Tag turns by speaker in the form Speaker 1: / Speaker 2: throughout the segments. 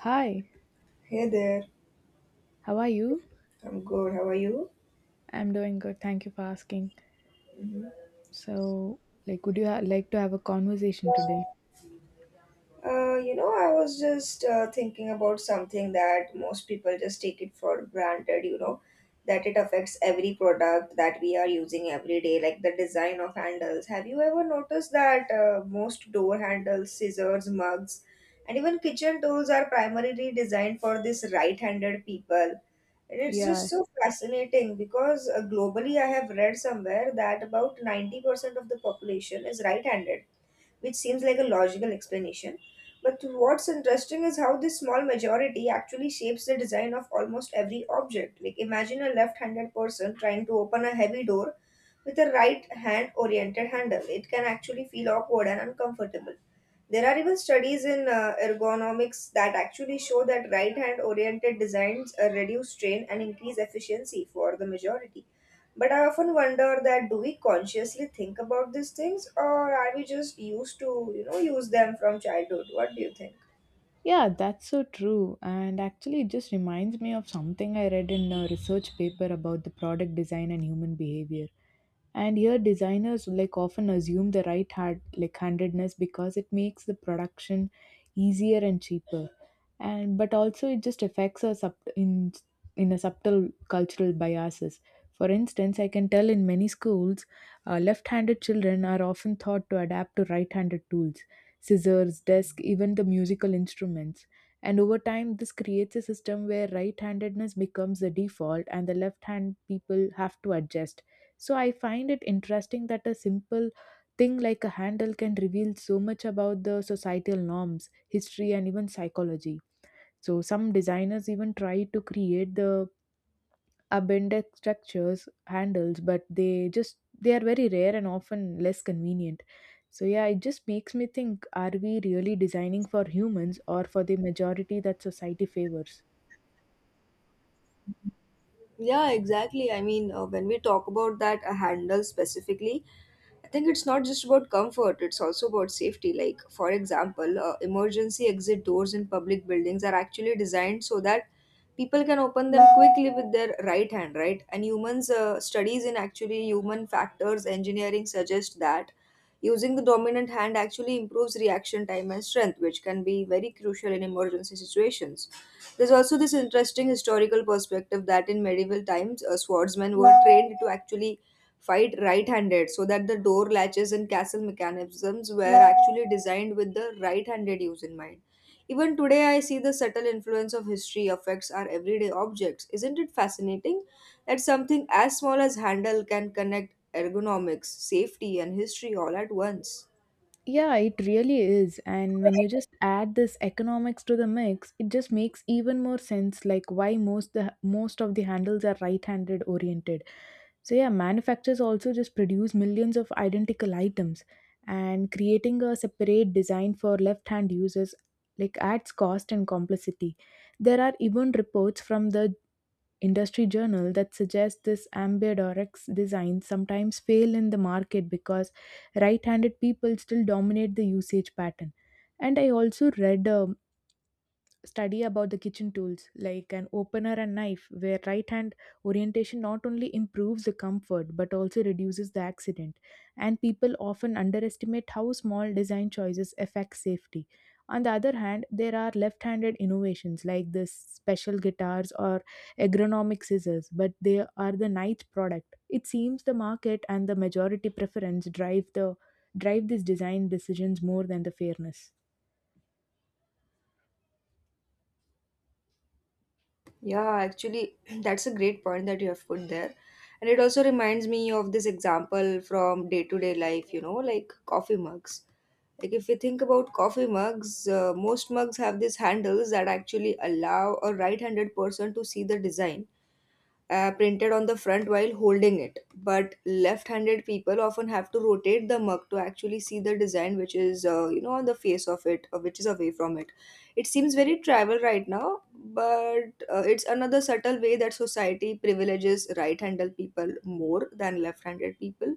Speaker 1: Hi,
Speaker 2: Hey there,
Speaker 1: how are you?
Speaker 2: I'm good. How are you?
Speaker 1: I'm doing good. Thank you for asking.
Speaker 2: hmm
Speaker 1: So, would you ha like to have a conversation today?
Speaker 2: I was just thinking about something that most people just take it for granted, that it affects every product that we are using every day, like the design of handles. Have you ever noticed that most door handles, scissors, mugs, and even kitchen tools are primarily designed for this right-handed people? And it's just
Speaker 1: Yeah,
Speaker 2: so fascinating because globally, I have read somewhere that about 90% of the population is right handed, which seems like a logical explanation. But what's interesting is how this small majority actually shapes the design of almost every object. Like, imagine a left-handed person trying to open a heavy door with a right hand oriented handle. It can actually feel awkward and uncomfortable. There are even studies in ergonomics that actually show that right hand oriented designs reduce strain and increase efficiency for the majority. But I often wonder that do we consciously think about these things, or are we just used to, use them from childhood? What do you think?
Speaker 1: yeah, that's so true. And actually, it just reminds me of something I read in a research paper about the product design and human behavior. And here designers like often assume the right hand like handedness because it makes the production easier and cheaper and but also it just affects us up in a subtle cultural biases. For instance, I can tell in many schools left-handed children are often thought to adapt to right-handed tools, scissors, desk, even the musical instruments. And over time this creates a system where right-handedness becomes the default and the left-hand people have to adjust. So I find it interesting that a simple thing like a handle can reveal so much about the societal norms, history, and even psychology. So some designers even try to create the abandoned structures handles, but they are very rare and often less convenient. So yeah, it just makes me think: are we really designing for humans or for the majority that society favors?
Speaker 2: Yeah, exactly. I mean, when we talk about that handle specifically, I think it's not just about comfort, it's also about safety. Like, for example, emergency exit doors in public buildings are actually designed so that people can open them quickly with their right hand, right? And humans, studies in actually human factors engineering suggest that using the dominant hand actually improves reaction time and strength, which can be very crucial in emergency situations. There's also this interesting historical perspective that in medieval times, swordsmen were trained to actually fight right-handed so that the door latches and castle mechanisms were actually designed with the right-handed use in mind. Even today, I see the subtle influence of history affects our everyday objects. Isn't it fascinating that something as small as handle can connect ergonomics, safety, and history all at once?
Speaker 1: Yeah, it really is. And when you just add this economics to the mix, it just makes even more sense like why most of the handles are right-handed oriented. So yeah, manufacturers also just produce millions of identical items, and creating a separate design for left-hand users like adds cost and complexity. There are even reports from the industry journal that suggests this ambidextrous design sometimes fail in the market because right-handed people still dominate the usage pattern. And I also read a study about the kitchen tools like an opener and knife where right hand orientation not only improves the comfort but also reduces the accident. And people often underestimate how small design choices affect safety. On the other hand, there are left-handed innovations like the special guitars or agronomic scissors, but they are the niche product. It seems the market and the majority preference drive these design decisions more than the fairness.
Speaker 2: Yeah, actually, that's a great point that you have put there. And it also reminds me of this example from day to day life, like coffee mugs. Like, if we think about coffee mugs, most mugs have these handles that actually allow a right handed person to see the design printed on the front while holding it. But left-handed people often have to rotate the mug to actually see the design, which is on the face of it, which is away from it. It seems very tribal right now, but it's another subtle way that society privileges right-handed people more than left-handed people,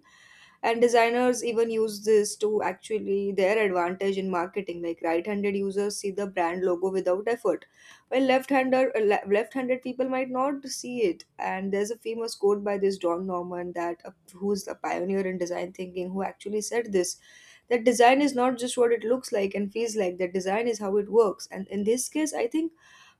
Speaker 2: and designers even use this to actually their advantage in marketing. Like, right-handed users see the brand logo without effort, while left-hander left-handed people might not see it. And there's a famous quote by this John Norman that who's a pioneer in design thinking, who actually said this, that design is not just what it looks like and feels like, that design is how it works. And in this case, I think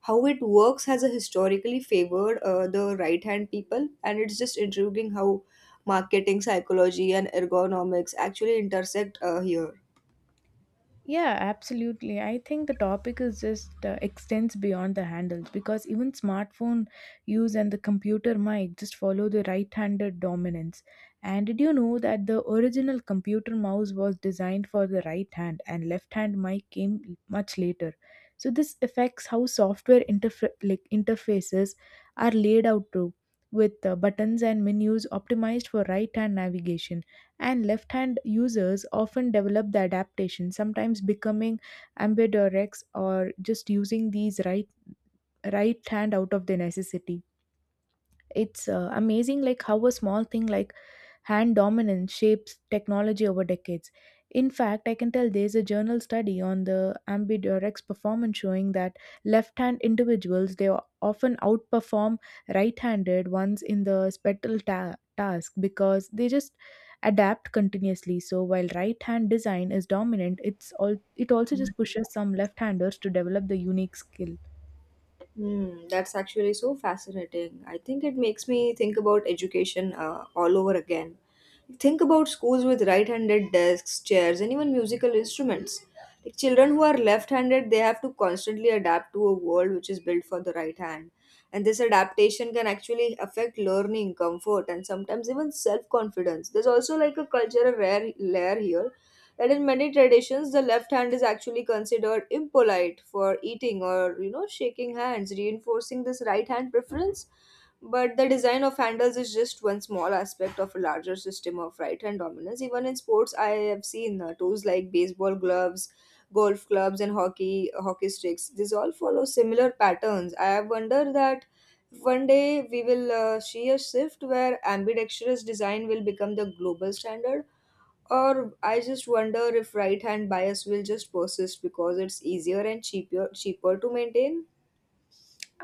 Speaker 2: how it works has a historically favored the right hand people. And it's just intriguing how marketing, psychology, and ergonomics actually intersect here.
Speaker 1: Yeah, absolutely. I think the topic is just extends beyond the handles because even smartphone use and the computer mic just follow the right-handed dominance. And did you know that the original computer mouse was designed for the right hand and left-hand mic came much later. So this affects how like interfaces are laid out too, with buttons and menus optimized for right-hand navigation. And left hand users often develop the adaptation, sometimes becoming ambidextrous or just using these right hand out of the necessity. It's amazing like how a small thing like hand dominance shapes technology over decades. In fact, I can tell there's a journal study on the ambidextrous performance showing that left-hand individuals they often outperform right-handed ones in the task because they just adapt continuously. So while right-hand design is dominant, it also just pushes some left-handers to develop the unique skill.
Speaker 2: Hmm, that's actually so fascinating. I think it makes me think about education all over again. Think about schools with right-handed desks, chairs, and even musical instruments. Like, children who are left-handed, they have to constantly adapt to a world which is built for the right hand. And this adaptation can actually affect learning, comfort, and sometimes even self-confidence. There's also like a cultural rare layer here, that in many traditions the left hand is actually considered impolite for eating or, shaking hands, reinforcing this right hand preference. But the design of handles is just one small aspect of a larger system of right hand dominance. Even in sports, I have seen tools like baseball gloves, golf clubs, and hockey sticks. These all follow similar patterns. I wonder that one day we will see a shift where ambidextrous design will become the global standard, or I just wonder if right hand bias will just persist because it's easier and cheaper to maintain.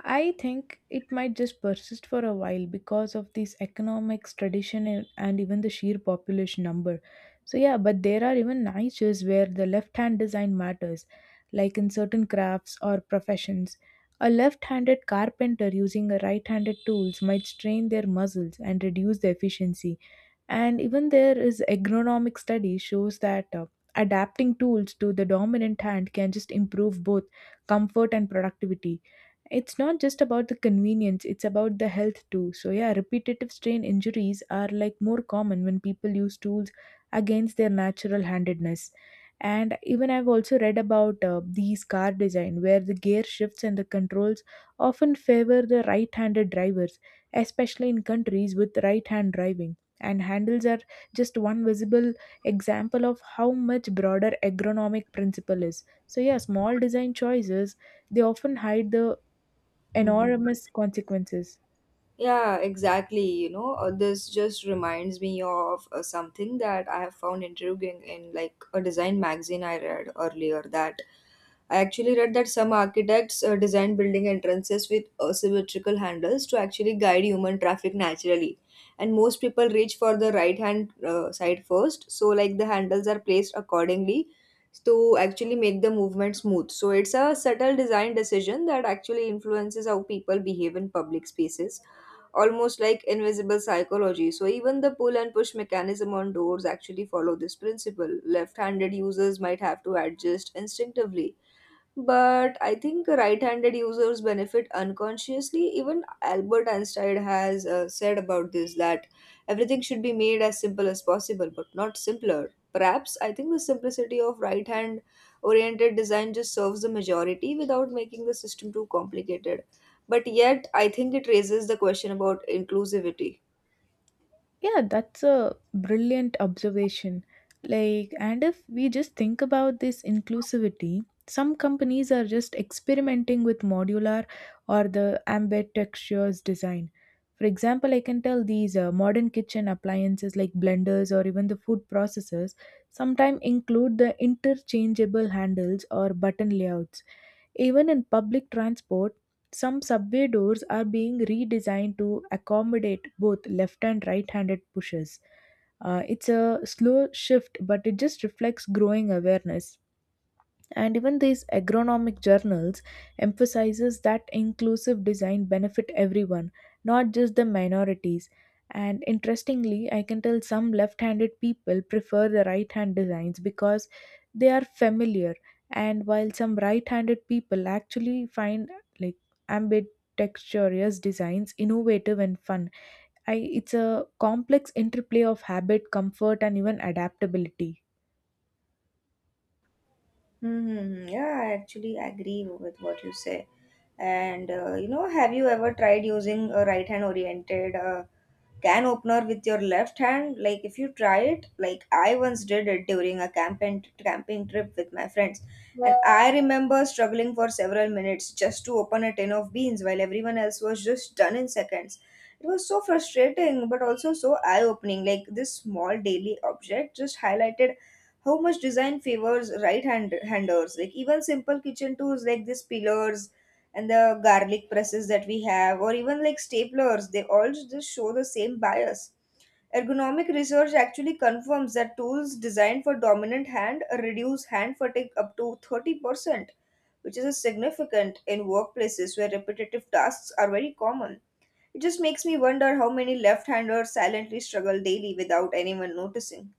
Speaker 1: I think it might just persist for a while because of this economics tradition and even the sheer population number. So yeah, but there are even niches where the left-hand design matters, like in certain crafts or professions. A left-handed carpenter using a right-handed tools might strain their muscles and reduce the efficiency, and even there is agronomic study shows that adapting tools to the dominant hand can just improve both comfort and productivity. It's not just about the convenience, it's about the health too. So yeah, repetitive strain injuries are like more common when people use tools against their natural handedness. And even I've also read about these car design where the gear shifts and the controls often favor the right-handed drivers, especially in countries with right-hand driving. And handles are just one visible example of how much broader agronomic principle is. So yeah, small design choices, they often hide the
Speaker 2: Mhm.
Speaker 1: enormous consequences.
Speaker 2: Yeah, exactly. You know, this just reminds me of something that I have found intriguing in like a design magazine I read earlier, that I actually read that some architects design building entrances with asymmetrical handles to actually guide human traffic naturally. And most people reach for the right hand side first, so like the handles are placed accordingly to actually make the movement smooth. So it's a subtle design decision that actually influences how people behave in public spaces, almost like invisible psychology. So even the pull and push mechanism on doors actually follow this principle. Left-handed users might have to adjust instinctively, but I think right-handed users benefit unconsciously. Even Albert Einstein has said about this, that everything should be made as simple as possible, but not simpler. Perhaps I think the simplicity of right-hand oriented design just serves the majority without making the system too complicated. But yet, I think it raises the question about inclusivity.
Speaker 1: Yeah, that's a brilliant observation. Like, and if we just think about this inclusivity, some companies are just experimenting with modular or the ambient textures design. For example, I can tell these modern kitchen appliances like blenders or even the food processors sometimes include the interchangeable handles or button layouts. Even in public transport, some subway doors are being redesigned to accommodate both left and right handed pushers. It's a slow shift, but it just reflects growing awareness. And even these agronomic journals emphasizes that inclusive design benefit everyone, not just the minorities. And interestingly, I can tell some left-handed people prefer the right-hand designs because they are familiar, and while some right-handed people actually find like ambidextrous designs innovative and fun. It's a complex interplay of habit, comfort, and even adaptability.
Speaker 2: Yeah, I actually agree with what you say. And have you ever tried using a right hand oriented can opener with your left hand? Like, if you try it, like I once did it during a camping trip with my friends, and I remember struggling for several minutes just to open a tin of beans while everyone else was just done in seconds. It was so frustrating, but also so eye opening. Like, this small daily object just highlighted how much design favors right hand handers. Like, even simple kitchen tools like these pillars and the garlic presses that we have, or even like staplers, they all just show the same bias. Ergonomic research actually confirms that tools designed for dominant hand reduce hand fatigue up to 30%, which is a significant in workplaces where repetitive tasks are very common. It just makes me wonder how many left-handers silently struggle daily without anyone noticing.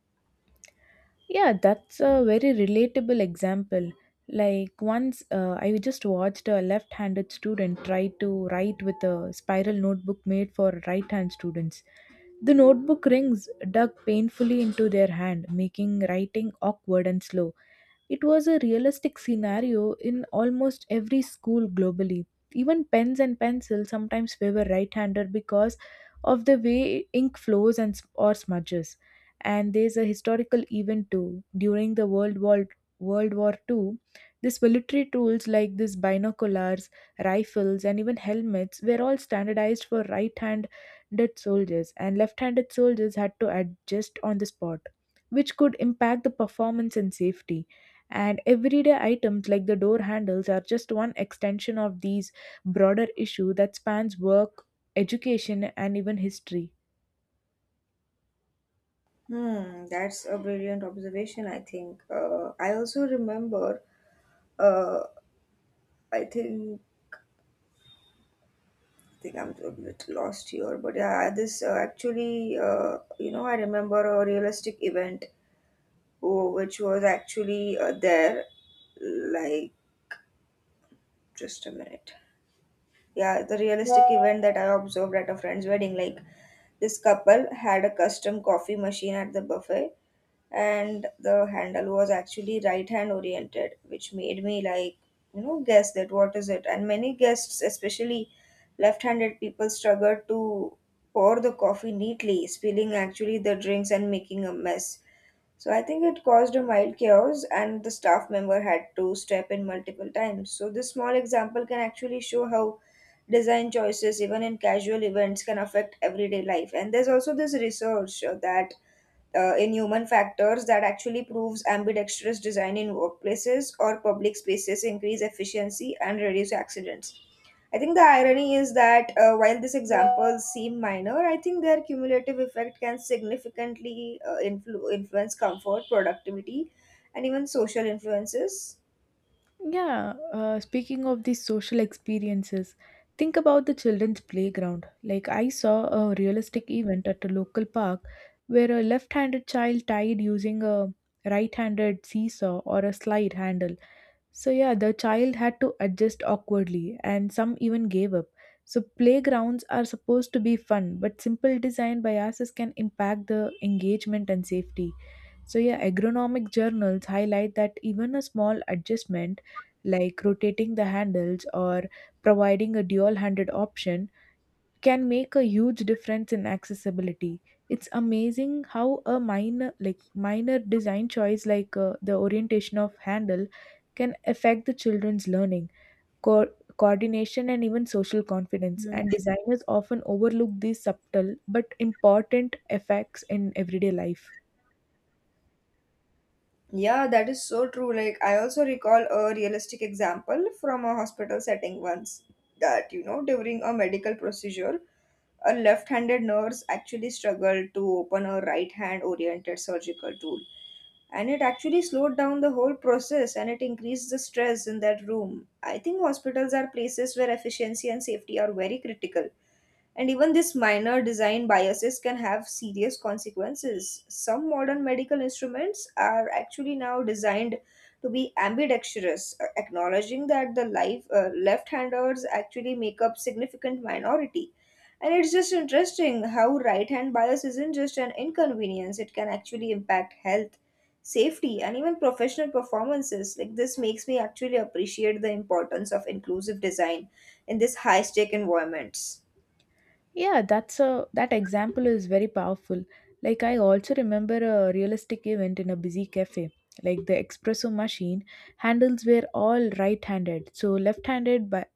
Speaker 1: Yeah, that's a very relatable example. Like once I just watched a left handed student try to write with a spiral notebook made for right hand students. The notebook rings dug painfully into their hand, making writing awkward and slow. It was a realistic scenario in almost every school globally. Even pens and pencils sometimes favor right-hander because of the way ink flows or smudges. And there's a historical event too. During the World War II, these military tools like these binoculars, rifles, and even helmets were all standardized for right-hand handed soldiers, and left handed soldiers had to adjust on the spot, which could impact the performance and safety. And everyday items like the door handles are just one extension of these broader issue that spans work, education, and even history.
Speaker 2: Hmm, that's a brilliant observation, I think. I also remember, uh, I think, I think I'm a bit lost here, but yeah, this actually, I remember a realistic event, oh, which was actually there, like, just a minute. Yeah, the realistic event that I observed at a friend's wedding, like, this couple had a custom coffee machine at the buffet, and the handle was actually right hand oriented, which made me, like, guess that what is it. And many guests, especially left handed people, struggled to pour the coffee neatly, spilling actually the drinks and making a mess. So I think it caused a mild chaos and the staff member had to step in multiple times. So this small example can actually show how design choices even in casual events can affect everyday life. And there's also this research that in human factors, that actually proves ambidextrous design in workplaces or public spaces increase efficiency and reduce accidents. I think the irony is that while these examples seem minor, I think their cumulative effect can significantly influence comfort, productivity, and even social influences.
Speaker 1: Yeah, speaking of these social experiences, think about the children's playground. Like, I saw a realistic event at a local park where a left handed child tied using a right handed seesaw or a slide handle. So, yeah, the child had to adjust awkwardly, and some even gave up. So, playgrounds are supposed to be fun, but simple design biases can impact the engagement and safety. So, yeah, agronomic journals highlight that even a small adjustment like rotating the handles or providing a dual handed option can make a huge difference in accessibility. It's amazing how a minor design choice like the orientation of handle can affect the children's learning, coordination, and even social confidence.
Speaker 2: Hmm.
Speaker 1: And designers often overlook these subtle but important effects in everyday life.
Speaker 2: Yeah, that is so true. Like, I also recall a realistic example from a hospital setting once, that, during a medical procedure, a left-handed nurse actually struggled to open a right-hand oriented surgical tool, and it actually slowed down the whole process and it increased the stress in that room. I think hospitals are places where efficiency and safety are very critical, and even these minor design biases can have serious consequences. Some modern medical instruments are actually now designed to be ambidextrous, acknowledging that the left-handers actually make up significant minority. And it's just interesting how right-hand bias isn't just an inconvenience; it can actually impact health, safety, and even professional performances. Like, this makes me actually appreciate the importance of inclusive design in these high-stake environments.
Speaker 1: Yeah, that example is very powerful. Like I also remember a realistic event in a busy cafe. Like the espresso machine handles were all right-handed, so left-handed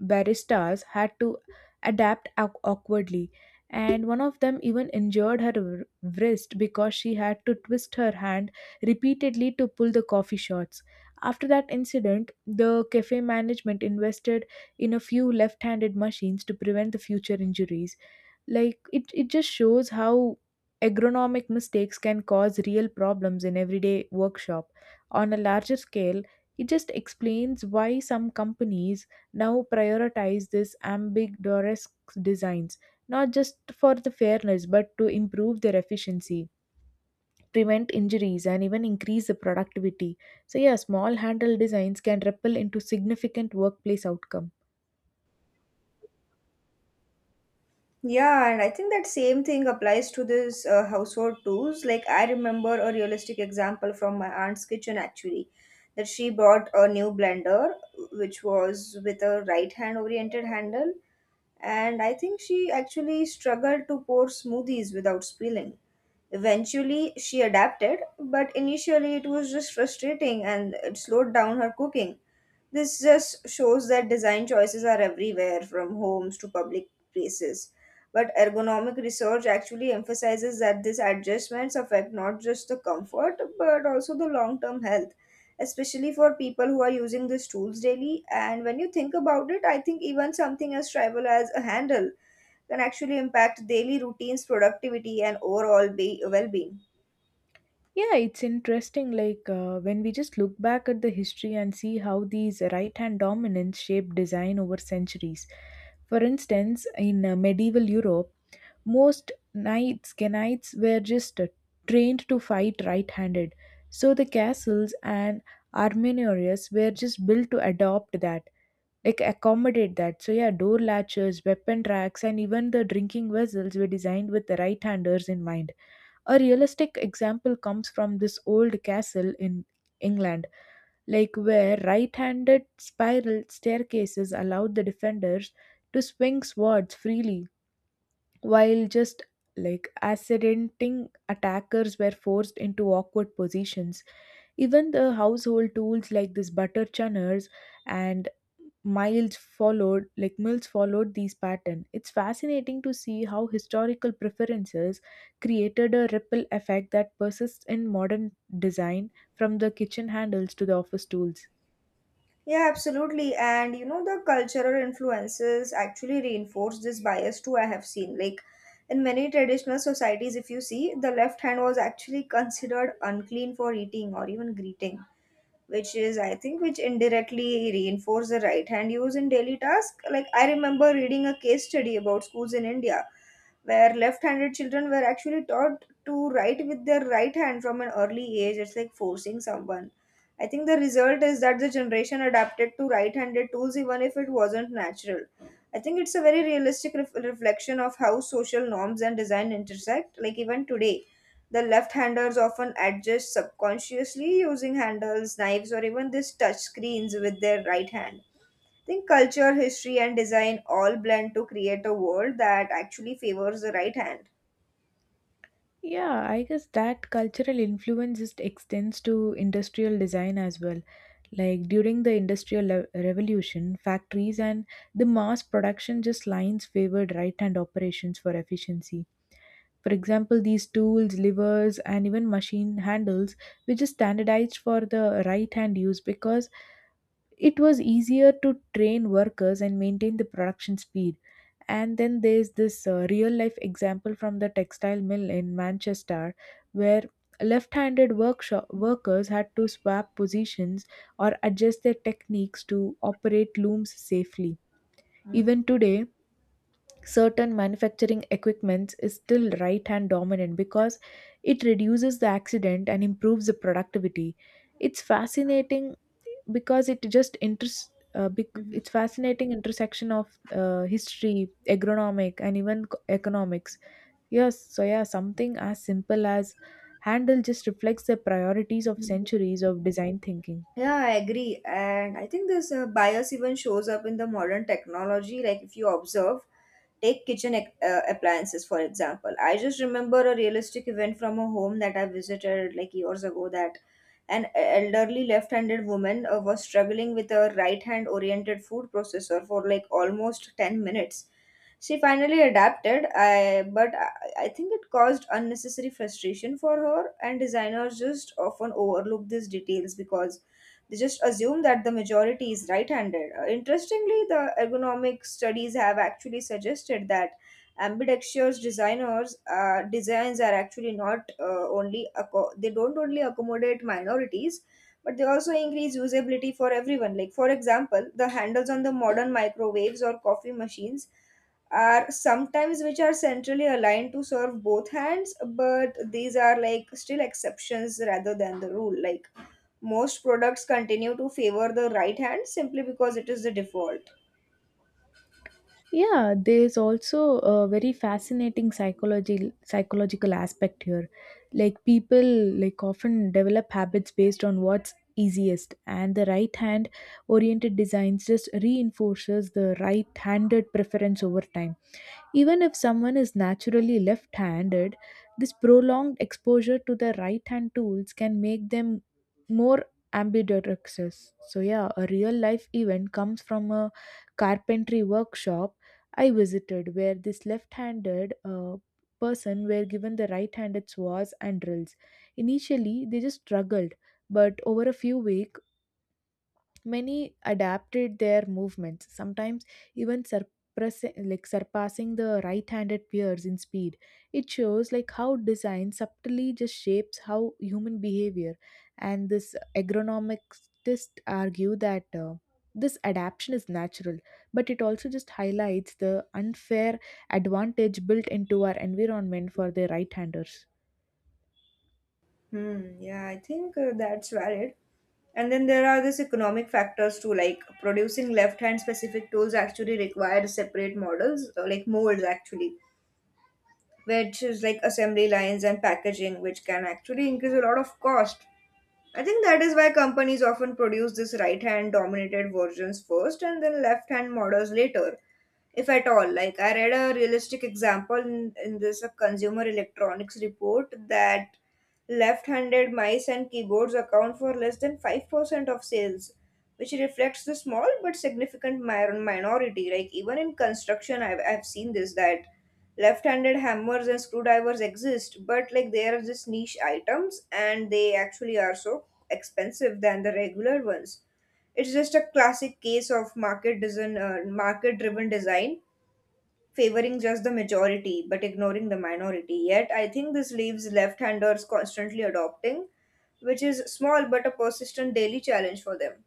Speaker 1: baristas had to adapt awkwardly. And one of them even injured her wrist because she had to twist her hand repeatedly to pull the coffee shots. After that incident, the cafe management invested in a few left handed machines to prevent the future injuries. It just shows how agronomic mistakes can cause real problems in everyday workshop. On a larger scale, it just explains why some companies now prioritize this ambidextrous designs, not just for the fairness but to improve their efficiency, prevent injuries, and even increase the productivity. So, yeah, small handle designs can ripple into significant workplace outcome.
Speaker 2: Yeah, and I think that same thing applies to this household tools. Like, I remember a realistic example from my aunt's kitchen actually, that she bought a new blender which was with a right hand oriented handle, and I think she actually struggled to pour smoothies without spilling. Eventually, she adapted, but initially it was just frustrating and it slowed down her cooking. This just shows that design choices are everywhere, from homes to public places. But ergonomic research actually emphasizes that these adjustments affect not just the comfort but also the long term health, especially for people who are using these tools daily. And when you think about it, I think even something as trivial as a handle can actually impact daily routines, productivity, and overall well being.
Speaker 1: Yeah, it's interesting. Like when we just look back at the history and see how these right hand dominance shaped design over centuries. For instance, in medieval Europe, most knights were just trained to fight right handed. So the castles and armorials were just built to adopt that, like accommodate that. So, yeah, door latches, weapon racks, and even the drinking vessels were designed with the right handers in mind. A realistic example comes from this old castle in England, like where right handed spiral staircases allowed the defenders to swing swords freely, while just like accidenting attackers were forced into awkward positions. Even the household tools like this butter churners and miles followed like mills followed these pattern. It's fascinating to see how historical preferences created a ripple effect that persists in modern design, from the kitchen handles to the office tools.
Speaker 2: Yeah, absolutely. And you know, the cultural influences actually reinforce this bias too. I have seen, in many traditional societies, if you see, the left hand was actually considered unclean for eating or even greeting, which is, I think, which indirectly reinforce the right hand use in daily task. Like, I remember reading a case study about schools in India where left-handed children were actually taught to write with their right hand from an early age. It's like forcing someone. I think the result is that the generation adapted to right-handed tools even if it wasn't natural. I think it's a very realistic reflection of how social norms and design intersect. Like even today, the left-handers often adjust subconsciously using handles, knives, or even these touch screens with their right hand. I think culture, history, and design all blend to create a world that actually favors the right hand.
Speaker 1: Yeah, I guess that cultural influence just extends to industrial design as well. Like during the revolution, factories and the mass production just lines favored right hand operations for efficiency. For example, these tools, levers, and even machine handles were just standardized for the right hand use because it was easier to train workers and maintain the production speed. And then there's this real life example from the textile mill in Manchester where left handed workshop workers had to swap positions or adjust their techniques to operate looms safely. Even today, certain manufacturing equipment is still right hand dominant because it reduces the accident and improves the productivity. It's fascinating because it just
Speaker 2: Mhm.
Speaker 1: it's fascinating intersection of history agronomic and even economics. Yes, so something as simple as handle just reflects the priorities of centuries of design thinking.
Speaker 2: Yeah, I agree. And I think this bias even shows up in the modern technology. Like, if you observe, take kitchen appliances, for example. I just remember a realistic event from a home that I visited like years ago that an elderly left handed woman was struggling with a right hand oriented food processor for like almost 10 minutes. She finally adapted, but I think it caused unnecessary frustration for her, and designers just often overlook these details because they just assume that the majority is right handed. Interestingly, the ergonomic studies have actually suggested that ambidextrous designers designs are actually not only acco- they don't only accommodate minorities, but they also increase usability for everyone, like, for example, the handles on the modern microwaves or coffee machines are sometimes which are centrally aligned to serve both hands, but these are like still exceptions rather than the rule. Like most products continue to favor the right hand simply because it is the default.
Speaker 1: Yeah, there's also a very fascinating psychology psychological aspect here. People often develop habits based on what's easiest, and the right hand oriented designs just reinforces the right handed preference over time. Even if someone is naturally left handed, this prolonged exposure to the right hand tools can make them more ambidextrous. So, yeah, a real life event comes from a carpentry workshop I visited, where this left handed person were given the right handed saws and drills. Initially, they just struggled, but over a few weeks, many adapted their movements, sometimes even surpassing, like surpassing the right-handed peers in speed. It shows like how design subtly just shapes how human behavior. And this agronomicists argue that this adaptation is natural, but it also just highlights the unfair advantage built into our environment for the right-handers.
Speaker 2: Hmm, yeah, I think that's valid. And then there are these economic factors too, like producing left hand specific tools actually require separate models, like molds actually, which is like assembly lines and packaging, which can actually increase a lot of cost. I think that is why companies often produce this right hand dominated versions first and then left hand models later, if at all. Like, I read a realistic example in this consumer electronics report that left handed mice and keyboards account for less than 5% of sales, which reflects the small but significant minority. Like even in construction, I've seen this that left-handed hammers and screwdrivers exist, but like they are just niche items and they actually are so expensive than the regular ones. It's just a classic case of market-driven design favoring just the majority but ignoring the minority. Yet I think this leaves left-handers constantly adopting, which is small but a persistent daily challenge for them.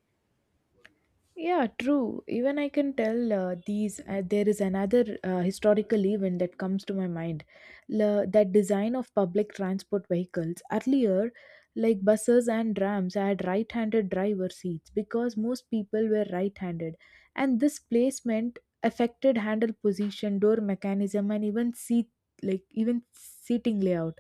Speaker 1: Yeah, true. Even I can tell these. There is another historical event that comes to my mind. La, that design of public transport vehicles earlier, like buses and trams, had right-handed driver seats because most people were right-handed, and this placement affected handle position, door mechanism, and even seat like even seating layout.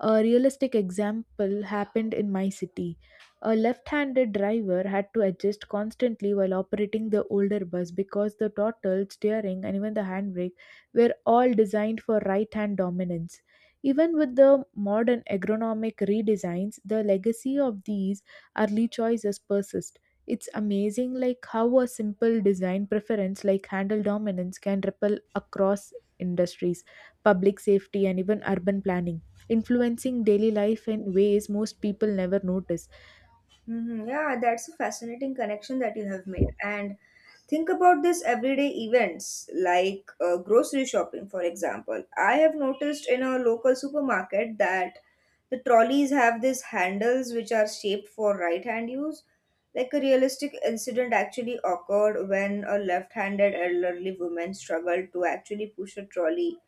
Speaker 1: A realistic example happened in my city. A left handed driver had to adjust constantly while operating the older bus because the throttle, steering, and even the handbrake were all designed for right hand dominance. Even with the modern agronomic redesigns, the legacy of these early choices persist. It's amazing like how a simple design preference like handle dominance can ripple across industries, public safety and even urban planning, influencing daily life in ways most people never notice.
Speaker 2: Hmm. Yeah, that's a fascinating connection that you have made. And think about this everyday events like grocery shopping, for example. I have noticed in a local supermarket that the trolleys have these handles which are shaped for right hand use. Like a realistic incident actually occurred when a left handed elderly woman struggled to actually push a trolley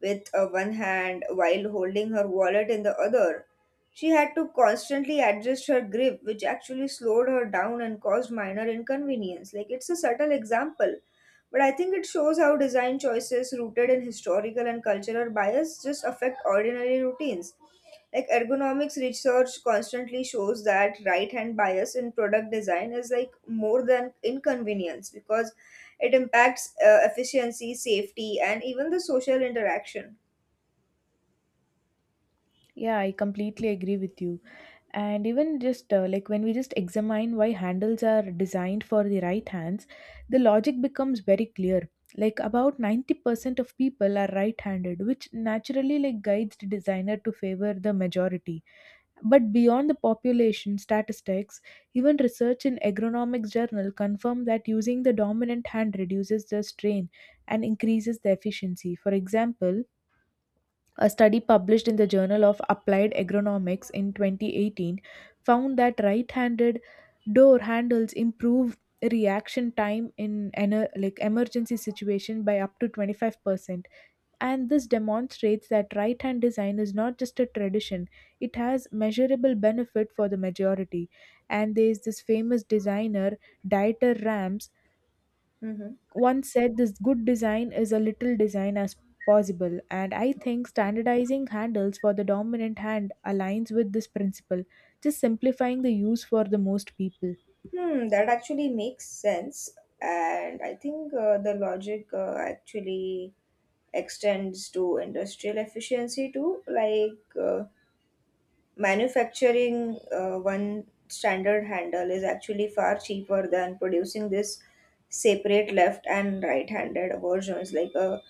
Speaker 2: with one hand while holding her wallet in the other. She had to constantly adjust her grip, which actually slowed her down and caused minor inconvenience. Like, it's a subtle example, but I think it shows how design choices rooted in historical and cultural bias just affect ordinary routines. Like, ergonomics research constantly shows that right hand bias in product design is like more than inconvenience because it impacts efficiency, safety, and even the social interaction.
Speaker 1: Yeah, I completely agree with you. And even just like when we just examine why handles are designed for the right hands, the logic becomes very clear. Like, about 90% of people are right handed, which naturally like guides the designer to favor the majority. But beyond the population statistics, even research in agronomics journal confirm that using the dominant hand reduces the strain and increases the efficiency. For example, a study published in the Journal of Applied Agronomics in 2018 found that right-handed door handles improve reaction time in like emergency situation by up to 25%, and this demonstrates that right hand design is not just a tradition, it has measurable benefit for the majority. And there's this famous designer, Dieter Rams,
Speaker 2: Hmm.
Speaker 1: once said this good design is a little design as possible. And I think standardizing handles for the dominant hand aligns with this principle, just simplifying the use for the most people.
Speaker 2: Hmm, that actually makes sense. And I think the logic actually extends to industrial efficiency too. Like manufacturing one standard handle is actually far cheaper than producing this separate left and right handed versions. Like a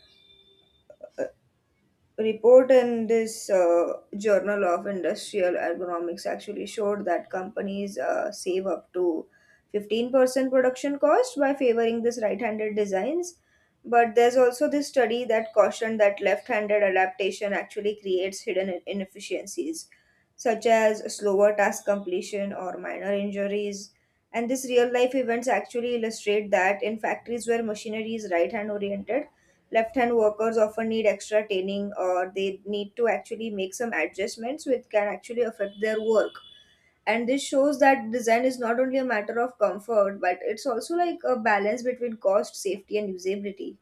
Speaker 2: report in this Journal of Industrial Ergonomics actually showed that companies save up to 15% production cost by favoring this right-handed designs. But there's also this study that cautioned that left-handed adaptation actually creates hidden inefficiencies, such as slower task completion or minor injuries. And these real-life events actually illustrate that in factories where machinery is right-hand oriented, left-hand workers often need extra training or they need to actually make some adjustments which can actually affect their work. And this shows that design is not only a matter of comfort, but it's also like a balance between cost, safety, and usability.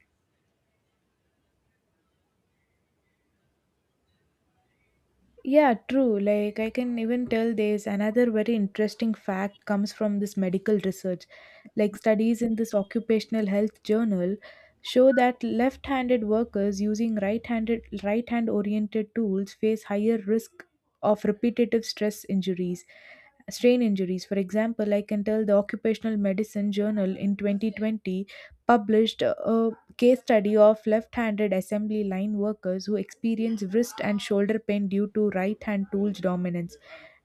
Speaker 1: Yeah, true. Like, I can even tell there's another very interesting fact comes from this medical research. Like, studies in this occupational health journal show that left-handed workers using right-hand oriented tools face higher risk of repetitive stress injuries, strain injuries. For example, I can tell the Occupational Medicine Journal in 2020 published a case study of left-handed assembly line workers who experience wrist and shoulder pain due to right-hand tools dominance,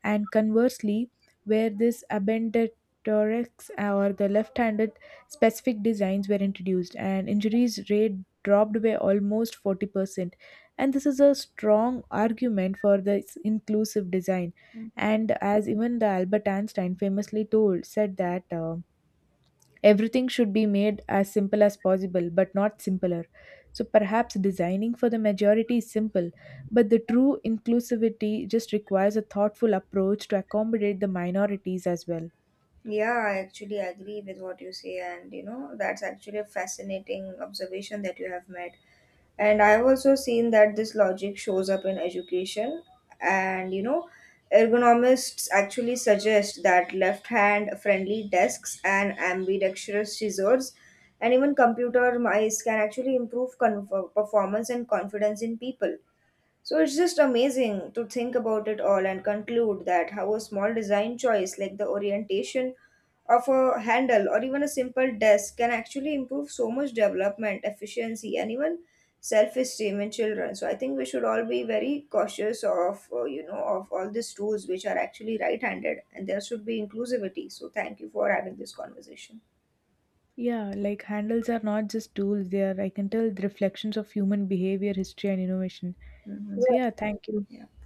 Speaker 1: and conversely, where this abandoned thorax or the left-handed specific designs were introduced and injuries rate dropped by almost 40%, and this is a strong argument for this inclusive design.
Speaker 2: Mm.
Speaker 1: And as even the Albert Einstein famously told said that everything should be made as simple as possible, but not simpler. So perhaps designing for the majority is simple, but the true inclusivity just requires a thoughtful approach to accommodate the minorities as well.
Speaker 2: Yeah, I actually agree with what you say, and you know, that's actually a fascinating observation that you have made. And I've also seen that this logic shows up in education. And you know, ergonomists actually suggest that left hand friendly desks and ambidextrous scissors and even computer mice can actually improve performance and confidence in people. So it's just amazing to think about it all and conclude that how a small design choice like the orientation of a handle or even a simple desk can actually improve so much development, efficiency, and even self-esteem in children. So I think we should all be very cautious of of all these tools which are actually right-handed, and there should be inclusivity. So thank you for having this conversation.
Speaker 1: Yeah, like handles are not just tools, they are, I can tell, the reflections of human behavior, history, and innovation.
Speaker 2: Mhm.
Speaker 1: So, yeah,
Speaker 2: Yeah.
Speaker 1: thank you.
Speaker 2: Yeah.